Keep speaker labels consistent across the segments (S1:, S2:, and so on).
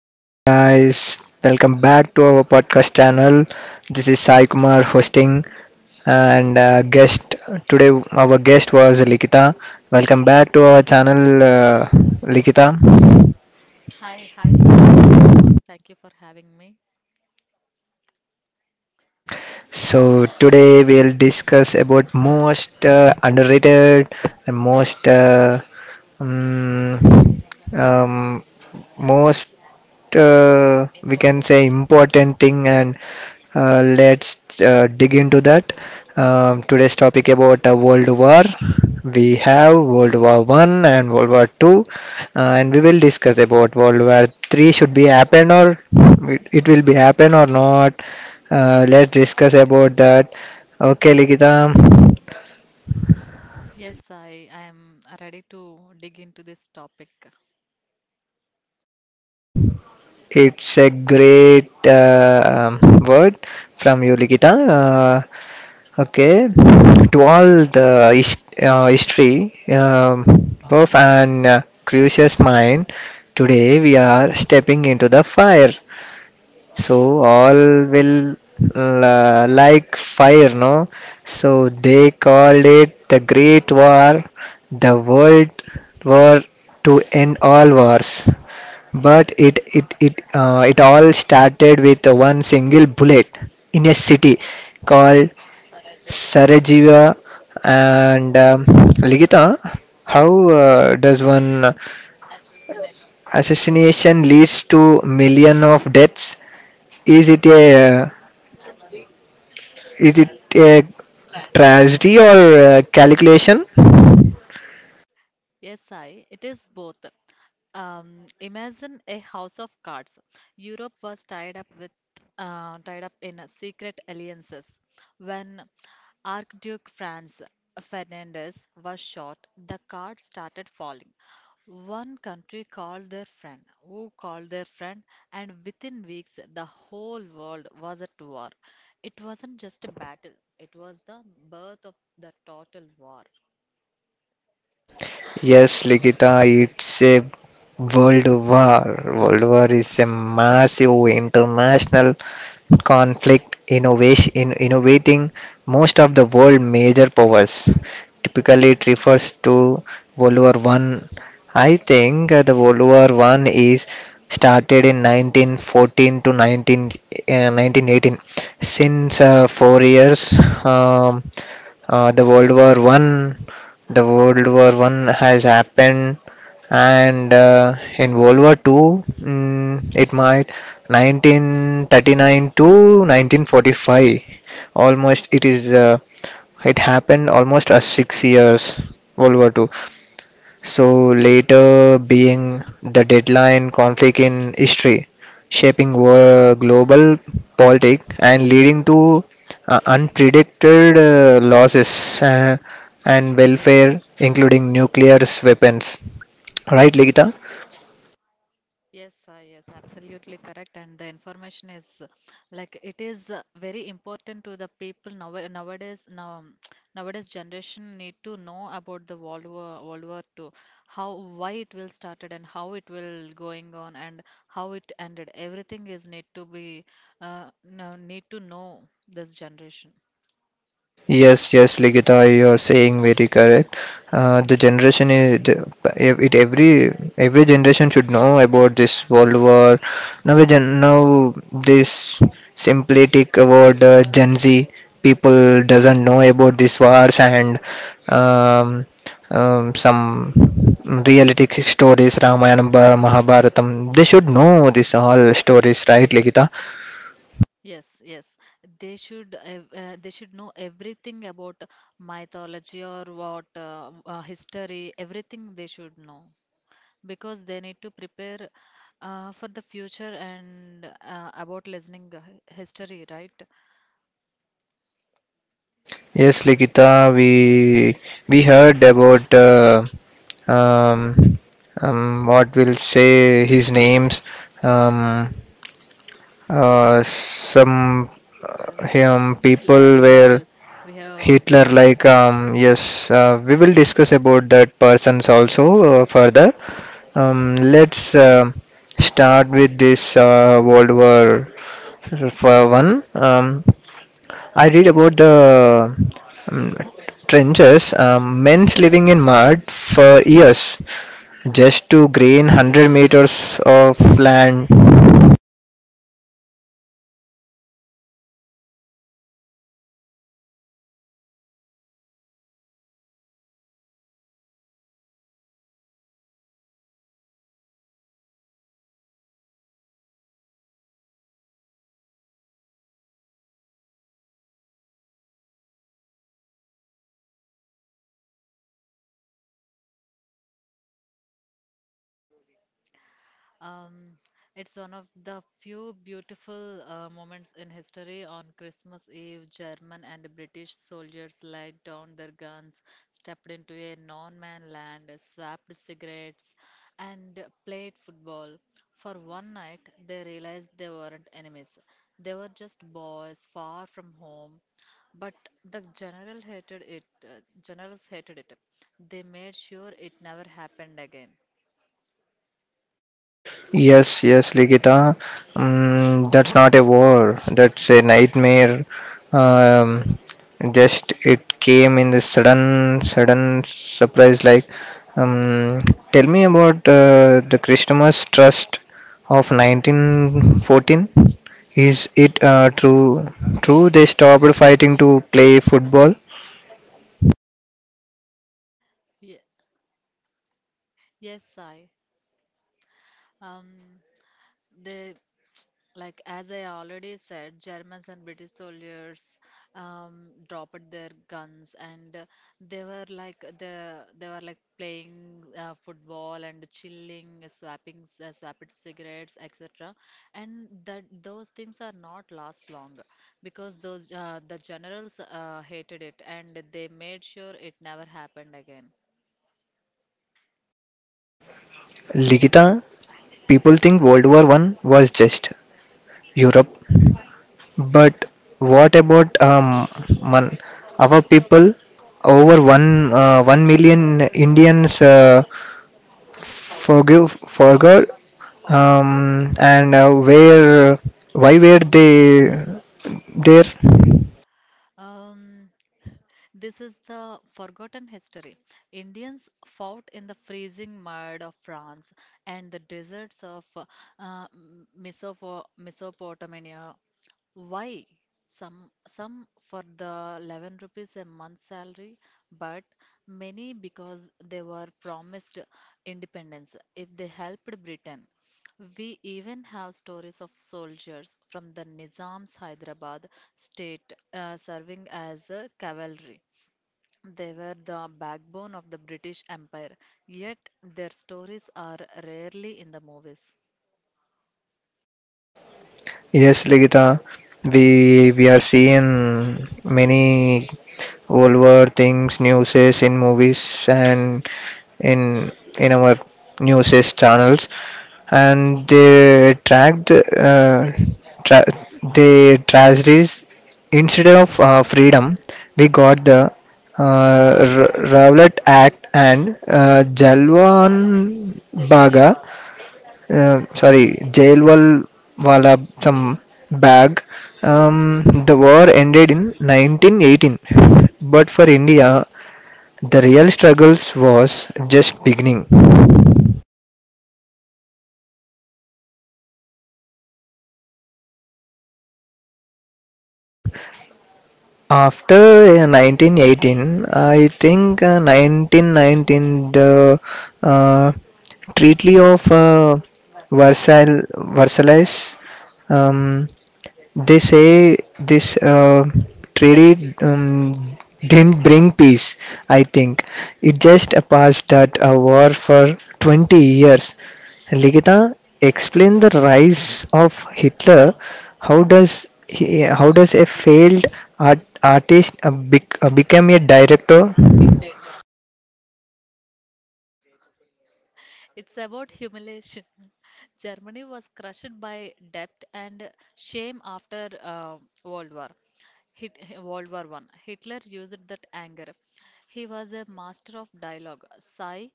S1: welcome, guys. Welcome back to our podcast channel. This is Sai Kumar hosting, and guest today, our guest was Likita. Welcome back to our channel, Likita.
S2: Hi, hi, Sai. Hi, everyone. Thank you for having me.
S1: So, today we'll discuss about most underrated and most um, um, most we can say important thing, and let's dig into that. Today's topic about world war: we have world war 1 and world war 2, and we will discuss about world war 3. Should be happen, or it will be happen or not? Let's discuss about that, okay Likita?
S2: Yes, I am ready to dig into this topic.
S1: It's a great word from you, Likita. Okay, to all the history, of an curious mind, today we are stepping into the fire. So all will like fire, no? So they called it the Great War, the World War to end all wars. But it all started with one single bullet in a city called Sarajevo. And Ligita, how does one assassination leads to million of deaths? Is it a uh, Is it a tragedy or a calculation?
S2: Yes, I. It is both. Imagine a house of cards. Europe was tied up with, tied up in secret alliances. When Archduke Franz Ferdinand was shot, the cards started falling. One country called their friend, who called their friend, and within weeks, the whole world was at war. It wasn't just a battle; it was the birth of the total war.
S1: Yes, Likita, it's a world war. World war is a massive international conflict innovation in innovating most of the world major powers. Typically, it refers to World War One. I think the World War One is started in 1914 to 1918. Since 4 years, um,
S2: This
S1: uh, the
S2: battle
S1: World War
S2: happened.
S1: One the
S2: Happened.
S1: World War One has happened, and in World War Two, mm, it might 1939 to 1945. Almost it is. It happened almost 6 years. World War Two. So later being the deadline conflict in history, shaping global politics and leading to unpredicted losses and welfare, including nuclear weapons. Right, Ligita?
S2: Yes, yes, absolutely correct. And the information is like it is very important to the people now nowadays. Now nowadays generation need to know about the World War two how why it will started and how it will going on and how it ended. Everything is need to be no, need to know this generation.
S1: Yes, yes, Ligita, you are saying very correct. The generation is the, it every generation should know about this World War. Now, now this simplistic about Gen Z people doesn't know about these wars, and um, some realistic stories, Ramayana, Mahabharatam. They should know this all stories, right, Ligita?
S2: Yes, yes. They should they should know everything about mythology or what history, everything they should know because they need to prepare for the future and about listening history, right?
S1: Yes, Likita, we heard about um, what will say his names. Um, some
S2: Hitler,
S1: him people
S2: Hitler. We
S1: were
S2: have we have
S1: Hitler
S2: grown up.
S1: like. Yes, we will discuss about that persons also further. Let's start with this World War for one. I read about the um, trenches, men's living in mud for years just to gain 100 meters of land.
S2: Um, it's one of the few beautiful moments in history. On Christmas Eve, German and British soldiers laid down their guns, stepped into a non-man land, swapped cigarettes, and played football. For one night, they realized they weren't enemies. They were just boys far from home. But the general hated it. Generals hated it. They made sure it never happened again.
S1: Yes, yes, Ligita. Mm, that's not a war. That's a nightmare. Um, just it came in this sudden surprise. Like, um, tell me about the Christmas Trust of 1914. Is it true? True, they stopped fighting to play football.
S2: Ye- yes, I. Um, they like as I already said, Germans and British soldiers dropped their guns and they were like playing football and chilling, swapped cigarettes, etc. And that those things are not last long because those the generals hated it and they made sure it never happened again.
S1: Ligita, people think World War One was just Europe. But what about mon- our people? Over 1 million Indians forgive forgot, and where why were they there?
S2: Um, This is the forgotten history. Indians fought in the freezing mud of France and the deserts of Mesopotamia. Why? Some for the 11 rupees a month salary, but many because they were promised independence if they helped Britain. We even have stories of soldiers from the Nizam's Hyderabad state serving as cavalry. They were the backbone of the British Empire, yet their stories are rarely in the movies.
S1: Yes, Ligita, we are seeing many over things, newses in movies and in in our newses channels, and they tracked tra- the tragedies instead of freedom. We got the Rowlatt Act and Jalwan Baga, sorry, Jailwal Wala some bag. The war ended in 1918, but for India, the real struggles was just beginning. After 1918, I think 1919, the uh, Treaty of Versailles, Versailles. um, They say this treaty didn't bring peace, I think. It just passed that a war for 20 years. Ligita, explain the rise of Hitler. How does a failed artist become a director?
S2: It's about humiliation. Germany was crushed by debt and shame after World War. World War One. Hitler used that anger. He was a master of dialogue. Sigh,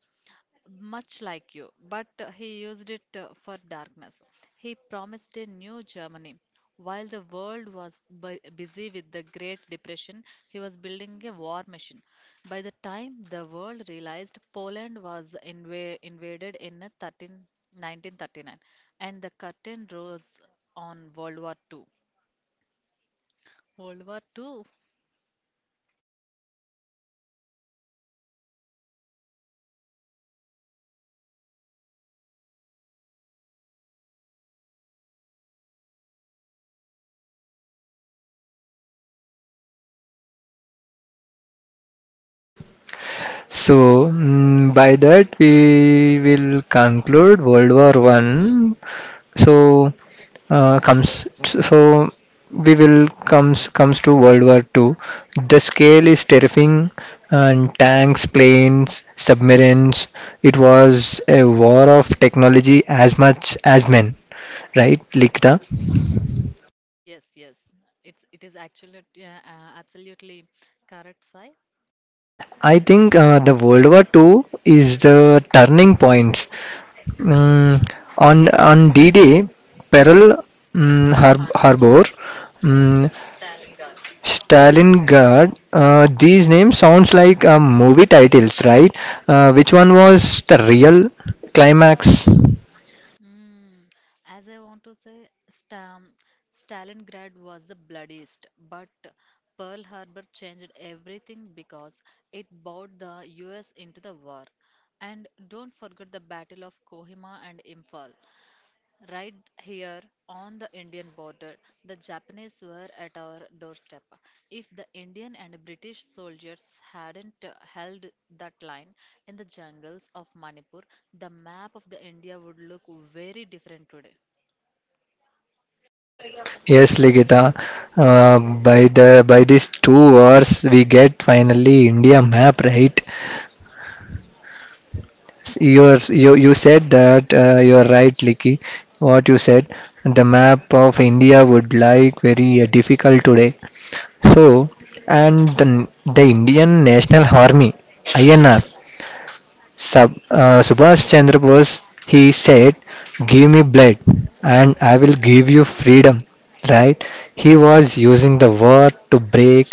S2: much like you, but he used it for darkness. He promised a new Germany. While the world was busy with the Great Depression, he was building a war machine. By the time the world realized Poland was invaded in uh, 13 1939, and the curtain rose on World War II. World War II?
S1: So, mm, by that we will conclude World War One. So, comes so we will comes to World War II. The scale is terrifying, and tanks, planes, submarines. It was a war of technology as much as men, right, Likta?
S2: Yes, yes. It is actually absolutely correct, Sai.
S1: I think the World War II is the turning points. Mm, on D-Day, Pearl, mm, Harbor, mm, Stalingrad. These names sounds like movie titles, right? Which one was the real climax?
S2: Mm, as I want to say, Stam, Stalingrad was the bloodiest, but Pearl Harbor changed everything because it brought the US into the war. And don't forget the Battle of Kohima and Imphal. Right here on the Indian border, the Japanese were at our doorstep. If the Indian and British soldiers hadn't held that line in the jungles of Manipur, the map of the India would look very different today.
S1: Yes, Ligita. By these two words, we get finally India map, right? You said that you're right, Liki. What you said, the map of India would like very difficult today. So, and the Indian National Army (INR), Subhash Chandra Bose, he said, Give me blood and I will give you freedom, right? He was using the word to break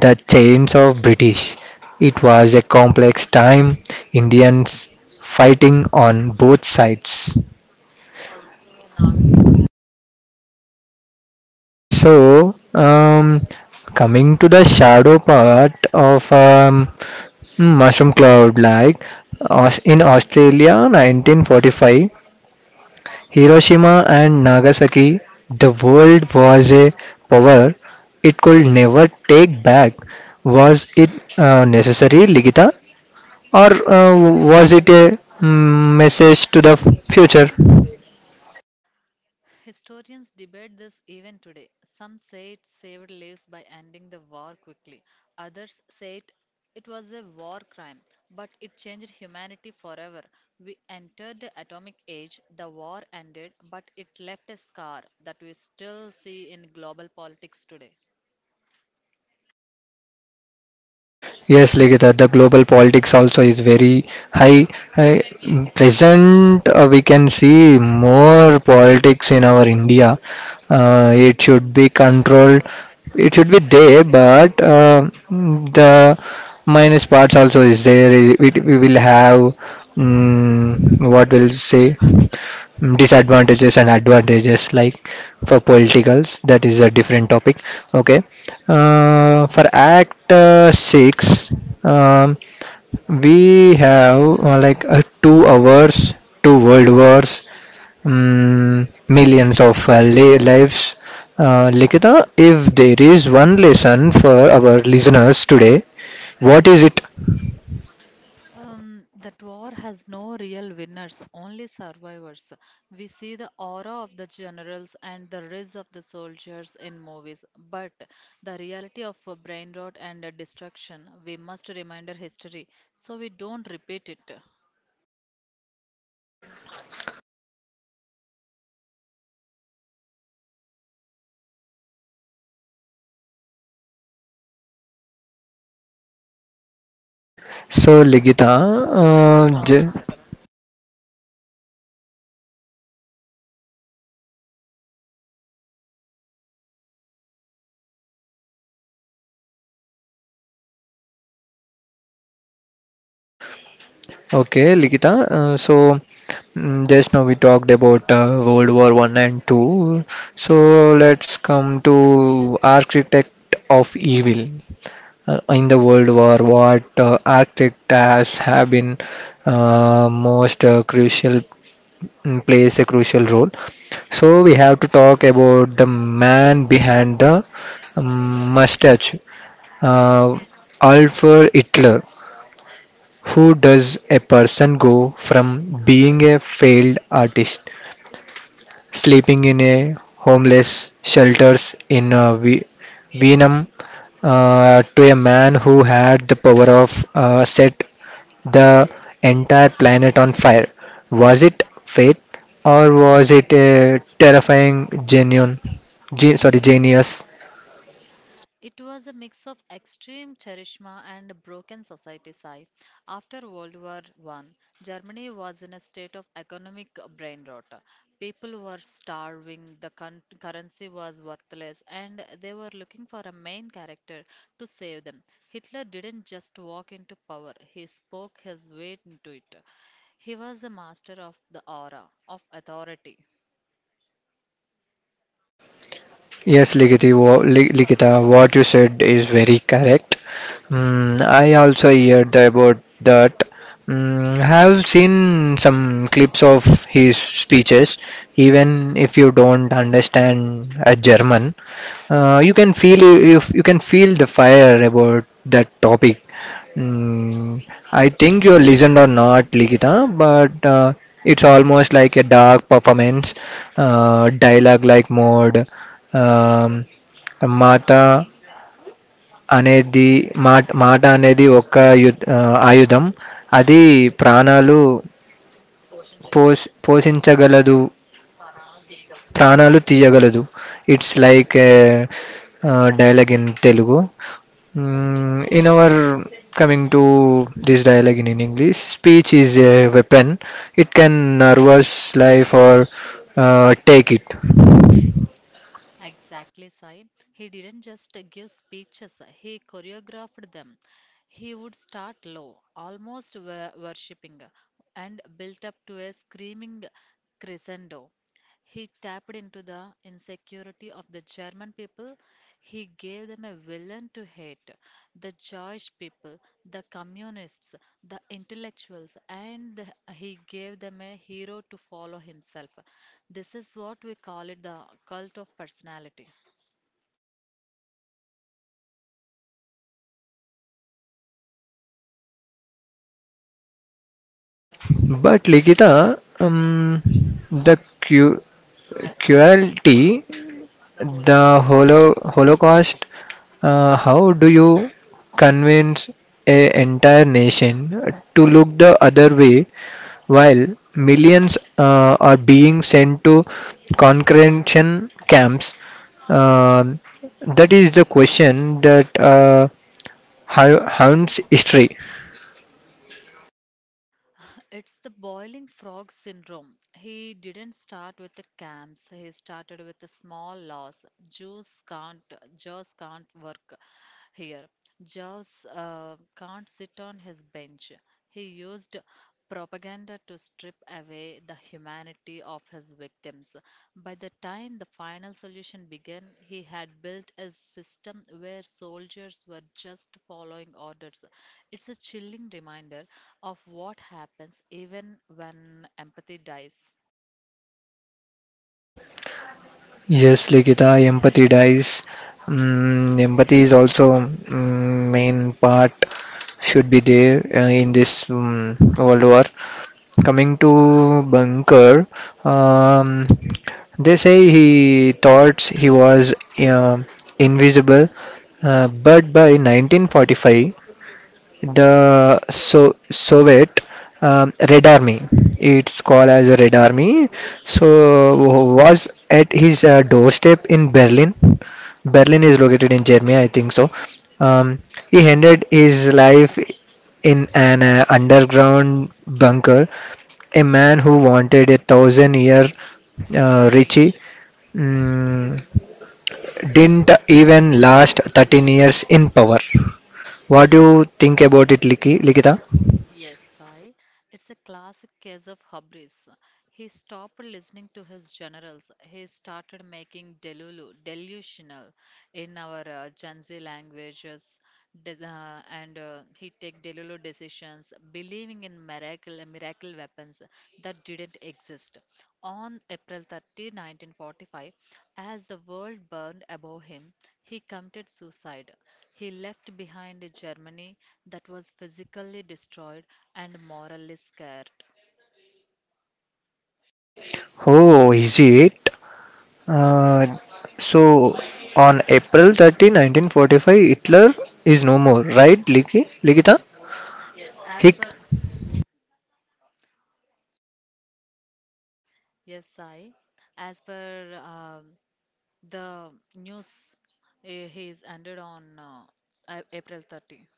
S1: the chains of British. It was a complex time, Indians fighting on both sides. So, coming to the shadow part of mushroom cloud, like in Australia 1945, Hiroshima and Nagasaki, the world was a power it could never take back. Was it necessary, Ligita? Or was it a message to the future?
S2: Historians debate this even today. Some say it saved lives by ending the war quickly. Others say it was a war crime, but it changed humanity forever. We entered the atomic age, the war ended, but it left a scar that we still see in global politics today.
S1: Yes, Ligita, the global politics also is very high. high. Present, we can see more politics in our India. It should be controlled. It should be there, but the minus parts also is there. We will have, mm, what will say disadvantages and advantages like for politicals. That is a different topic, okay? For act 6, um, we have like 2 hours, two world wars, mm, millions of lives. Likita, if there is one lesson for our listeners today, what is it?
S2: That war has no real winners, only survivors. We see the aura of the generals and the rise of the soldiers in movies, but the reality of brain rot and destruction, we must remember history so we don't repeat it.
S1: So Ligita j- okay Ligita so Just now we talked about World War One and Two, so let's come to Architect of Evil. In the World War, what architect has have been most crucial, mm, plays a crucial role. So we have to talk about the man behind the mustache, uh, Alfred Hitler. Who does a person go from being a failed artist sleeping in a homeless shelters in Vietnam to a man who had the power of set the entire planet on fire? Was it fate, or was it a terrifying genuine, genius?
S2: It was a mix of extreme charisma and a broken society sigh. After World War One, Germany was in a state of economic brain rot. People were starving, the currency was worthless, and they were looking for a main character to save them. Hitler didn't just walk into power, he spoke his way into it. He was a master of the aura, of authority.
S1: Yes, Likiti, Likita, what you said is very correct. Mm, I also heard about that. Mm, have seen some clips of his speeches. Even if you don't understand a German, you can feel the fire about that topic. Mm, I think you listened or not, Likita, but it's almost like a dark performance, dialogue-like mode. Um, మాట అనేది మాట మాట అనేది ఒక you ఆ, ఆయుధం అది ప్రాణాలు పోష్ పోషించగలదు ప్రాణాలు తీయగలదు it's like dialogue in Telugu in our coming to this dialogue in in English speech is a weapon it can nervous life or take it
S2: Exactly, Sai. He didn't just give speeches, he choreographed them. He would start low, almost worshipping, and built up to a screaming crescendo. He tapped into the insecurity of the German people. He gave them a villain to hate the Jewish people, the communists, the intellectuals, and he gave them a hero to follow himself. This is what we call it the cult of personality.
S1: But Likhita the queue cruelty, the Holocaust, how do you convince an entire nation to look the other way while millions are being sent to concentration camps? Uh, that is the question that haunts history.
S2: It's the boiling frog syndrome. He didn't start with the camps. He started with a small loss. Jews can't work here. Jews can't sit on his bench. He used propaganda to strip away the humanity of his victims. By the time the final solution began, he had built a system where soldiers were just following orders. It's a chilling reminder of what happens even when empathy dies.
S1: Yes, Likita, empathy dies. Mm, empathy is also, mm, main part should be there in this World War. Coming to Bunker, um, they say he thought he was invisible, but by 1945 the Soviet, Red Army. It's called as Red Army. So was at his doorstep in Berlin. Berlin is located in Germany, I think so. Um, he ended his life in an underground bunker. A man who wanted a thousand-year Richie, mm, didn't even last 13 years in power. What do you think about it, Likita?
S2: Yes, I. It's a classic case of hubris. He stopped listening to his generals. He started making delusional. In our Gen Z languages, des- and he take Delulu decisions, believing in miracle weapons that didn't exist. On April 30, 1945, as the world burned above him, he committed suicide. He left behind a Germany that was physically destroyed and morally scared.
S1: Oh, is it? Uh, so, on April 30, 1945, Hitler is no more, right, Liki? Likita?
S2: Yes, as
S1: Hick.
S2: per yes, I, as per the news he's ended on April 30,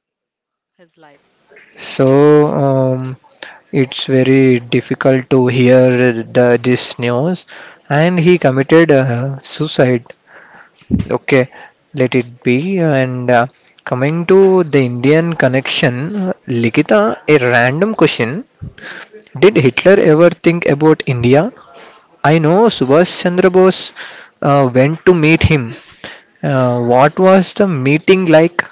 S2: his life.
S1: So, it's very difficult to hear this news. And he committed suicide. Okay, let it be. And coming to the Indian connection, Likita, a random question. Did Hitler ever think about India? I know Subhash Chandra Bose went to meet him. What was the meeting like?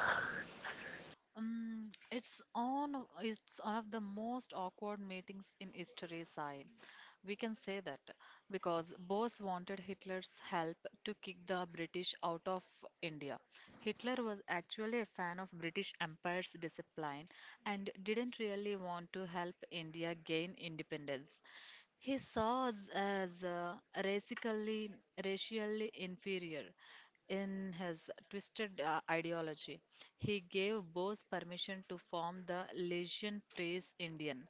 S2: It's it's one of the most awkward meetings in history, Sai. We can say that because Bose wanted Hitler's help to kick the British out of India. Hitler was actually a fan of British Empire's discipline and didn't really want to help India gain independence. He saw us as racially, racially inferior in his twisted ideology. He gave Bose permission to form the Legion Frees Indian,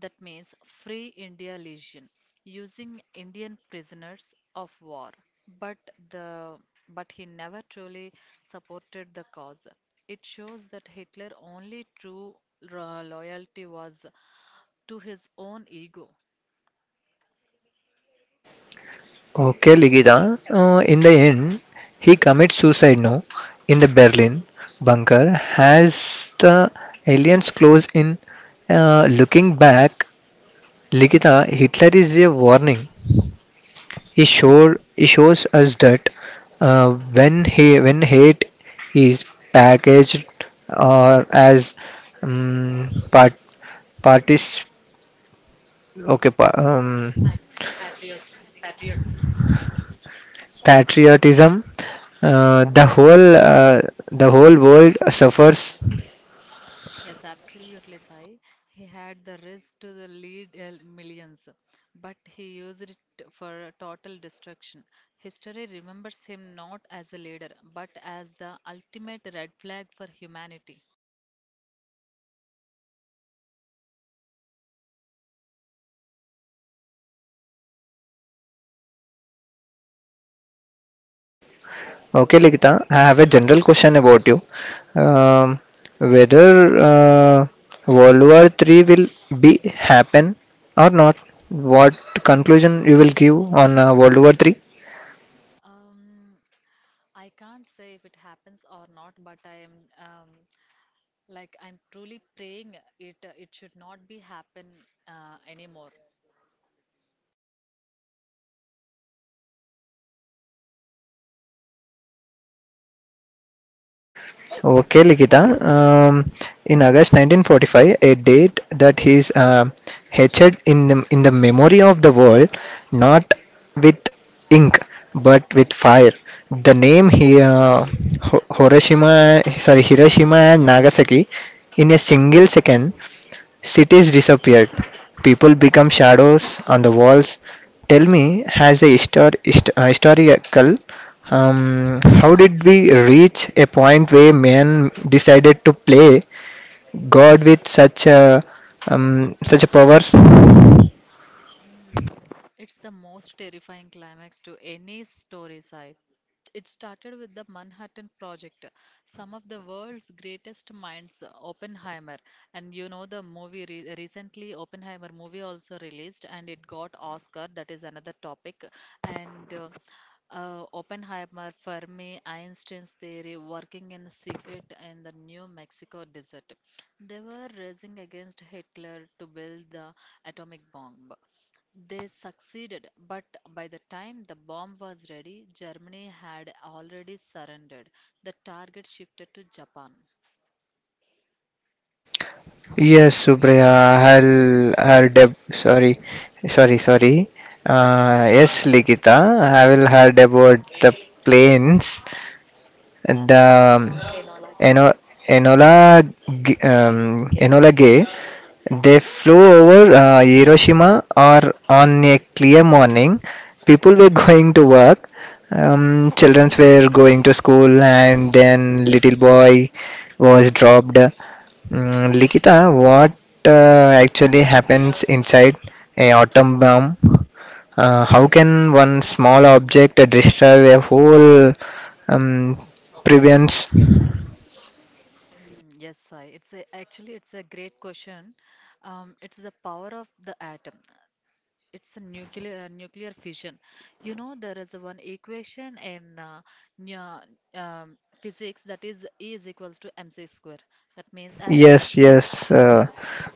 S2: that means Free India Legion, using Indian prisoners of war. But the but he never truly supported the cause. It shows that Hitler only true loyalty was to his own ego.
S1: Okay, Ligita. In the end, he commits suicide now in the Berlin bunker. Has the aliens close in? Looking back, Ligita, Hitler is a warning. He shows us that uh, when hate is packaged or as part partis okay pa- patriotism. uh, the whole uh, the whole world suffers.
S2: Yes, absolutely, Sai. He had the risk to the lead millions, but he used it for total destruction. History remembers him not as a leader, but as the ultimate red flag for humanity.
S1: Okay, Likita, I have a general question about you, um, whether uh, World War 3 will be happen or not, what conclusion you will give on World War 3?
S2: Um, I can't say if it happens or not, but I am um, I'm truly praying it it should not be happen anymore.
S1: Oh, okay, Likita. Um, in August 1945, a date that is etched in in the memory of the world, not with ink but with fire. The name here, Hiroshima, sorry, Hiroshima and Nagasaki, in a single second, cities disappeared. People become shadows on the walls. Tell me, has a histor- hist- historical. How did we reach a point where man decided to play God with such a power?
S2: Mm, it's the most terrifying climax to any story site. It started with the Manhattan Project, some of the world's greatest minds, Oppenheimer. And you know, the movie re recently, Oppenheimer movie also released and it got Oscar. That is another topic. And Oppenheimer, Fermi, Einstein's theory, working in secret in the New Mexico desert. They were racing against Hitler to build the atomic bomb. They succeeded, but by the time the bomb was ready, Germany had already surrendered. The target shifted to Japan.
S1: Yes, Supriya, I'll deb- sorry, sorry, sorry. Yes, Ligita, I will heard about the planes, the Eno, Enola, Enola Gay, they flew over Hiroshima or on a clear morning. People were going to work. Children were going to school, and then little boy was dropped. Mm, Likita, what actually happens inside a atom bomb? How can one small object destroy a whole, um, prevents.
S2: Yes, Sai. It's a, actually it's a great question. It's the power of the atom. It's a nuclear fission. You know there is one equation in nu- physics that is E is equals to mc square. That means as
S1: Yes,
S2: Einstein's
S1: yes,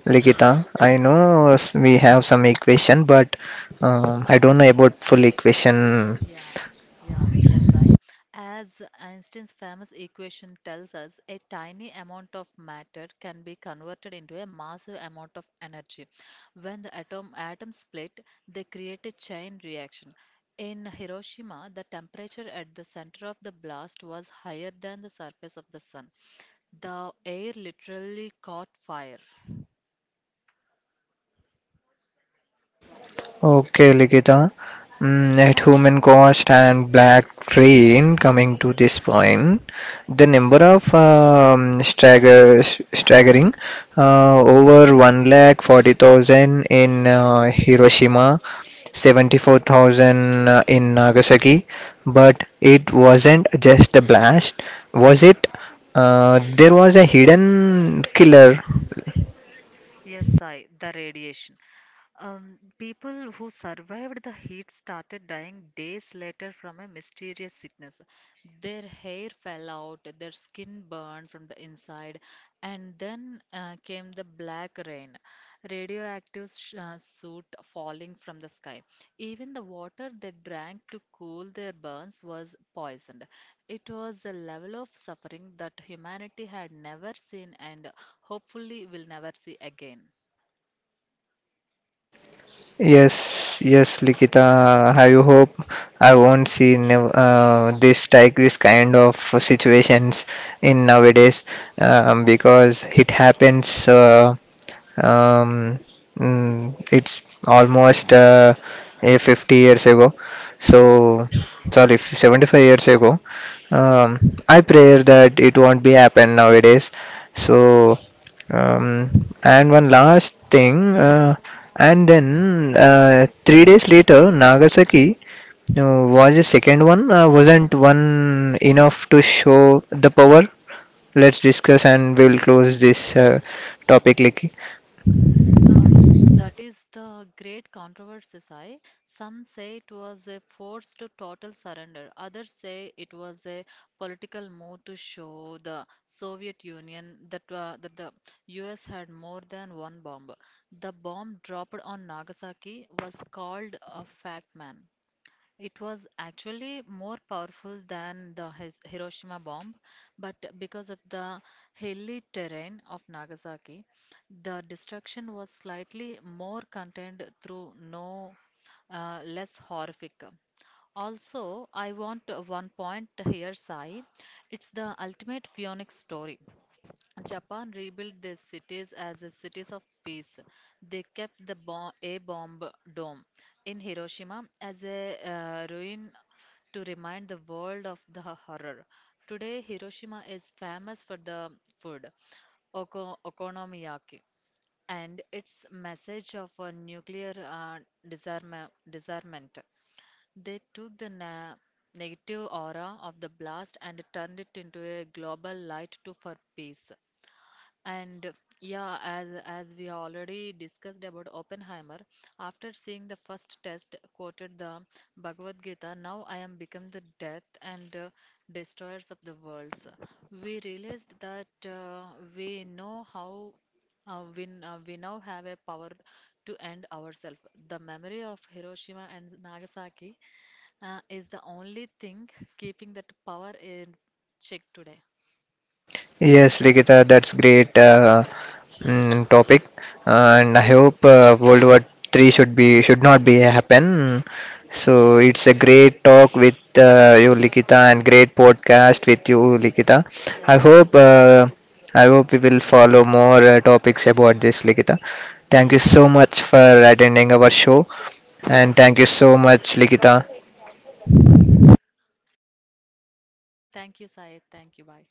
S1: Likita, I know, we have some equation, but I don't know about full equation.
S2: Yeah, yeah, yes, I. As Einstein's famous equation tells us, a tiny amount of matter can be converted into a massive amount of energy. When the atoms split, they create a chain reaction. In Hiroshima, the temperature at the center of the blast was higher than the surface of the sun. The air literally caught fire.
S1: Okay, Ligita. Mm, at human cost and black rain, coming to this point, the number of staggering over 140,000 in Hiroshima, 74,000 in Nagasaki, but it wasn't just a blast, was it? There was a hidden killer.
S2: Yes, Sai, the radiation. People who survived the heat started dying days later from a mysterious sickness. Their hair fell out, their skin burned from the inside, and then came the black rain, radioactive soot falling from the sky. Even the water they drank to cool their burns was poisoned. It was a level of suffering that humanity had never seen and hopefully will never see again.
S1: Yes, yes, Likita. I hope I won't see this kind of situations in nowadays, because it happens. Um, mm, it's almost a 50 years ago. So, sorry, 75 years ago. Um, I pray that it won't be happen nowadays. So, um, and one last thing, and then 3 days later, Nagasaki was the second one. Wasn't one enough to show the power? Let's discuss, and we'll close this topic, Liki.
S2: Um, that is the great controversy. Sai. Some say it was a forced total surrender. Others say it was a political move to show the Soviet Union that, the US had more than one bomb. The bomb dropped on Nagasaki was called a Fat Man. It was actually more powerful than the Hiroshima bomb, but because of the hilly terrain of Nagasaki, the destruction was slightly more contained through no less horrific. Also, I want one point here, Sai. It's the ultimate Phoenix story. Japan rebuilt their cities as a cities of peace. They kept the A-bomb dome in Hiroshima as a ruin to remind the world of the horror. Today, Hiroshima is famous for the food, okonomiyaki, and its message of a nuclear disarmament. They took the negative aura of the blast and turned it into a global light to for peace. And yeah, as we already discussed about Oppenheimer, after seeing the first test quoted the Bhagavad Gita, now I am become the death and destroyers of the worlds. We realized that we know how we, n- we now have a power to end ourselves. The memory of Hiroshima and Nagasaki is the only thing keeping that power in check today.
S1: Yes, Likita, that's great. Mm, topic, and I hope World War Three should not be happen. So
S2: Yes,
S1: it's a
S2: yes, right.
S1: great talk with you, Likita, and great podcast with you, Likita.
S2: Yeah,
S1: I
S2: same
S1: hope
S2: here.
S1: uh, I hope we will follow more topics about this, Likita. Thank
S2: Yeah,
S1: you so
S2: sure.
S1: much for attending our show, and
S2: Thank you,
S1: thank you so much, Likita.
S2: Thank you, Syed. Thank you. Bye.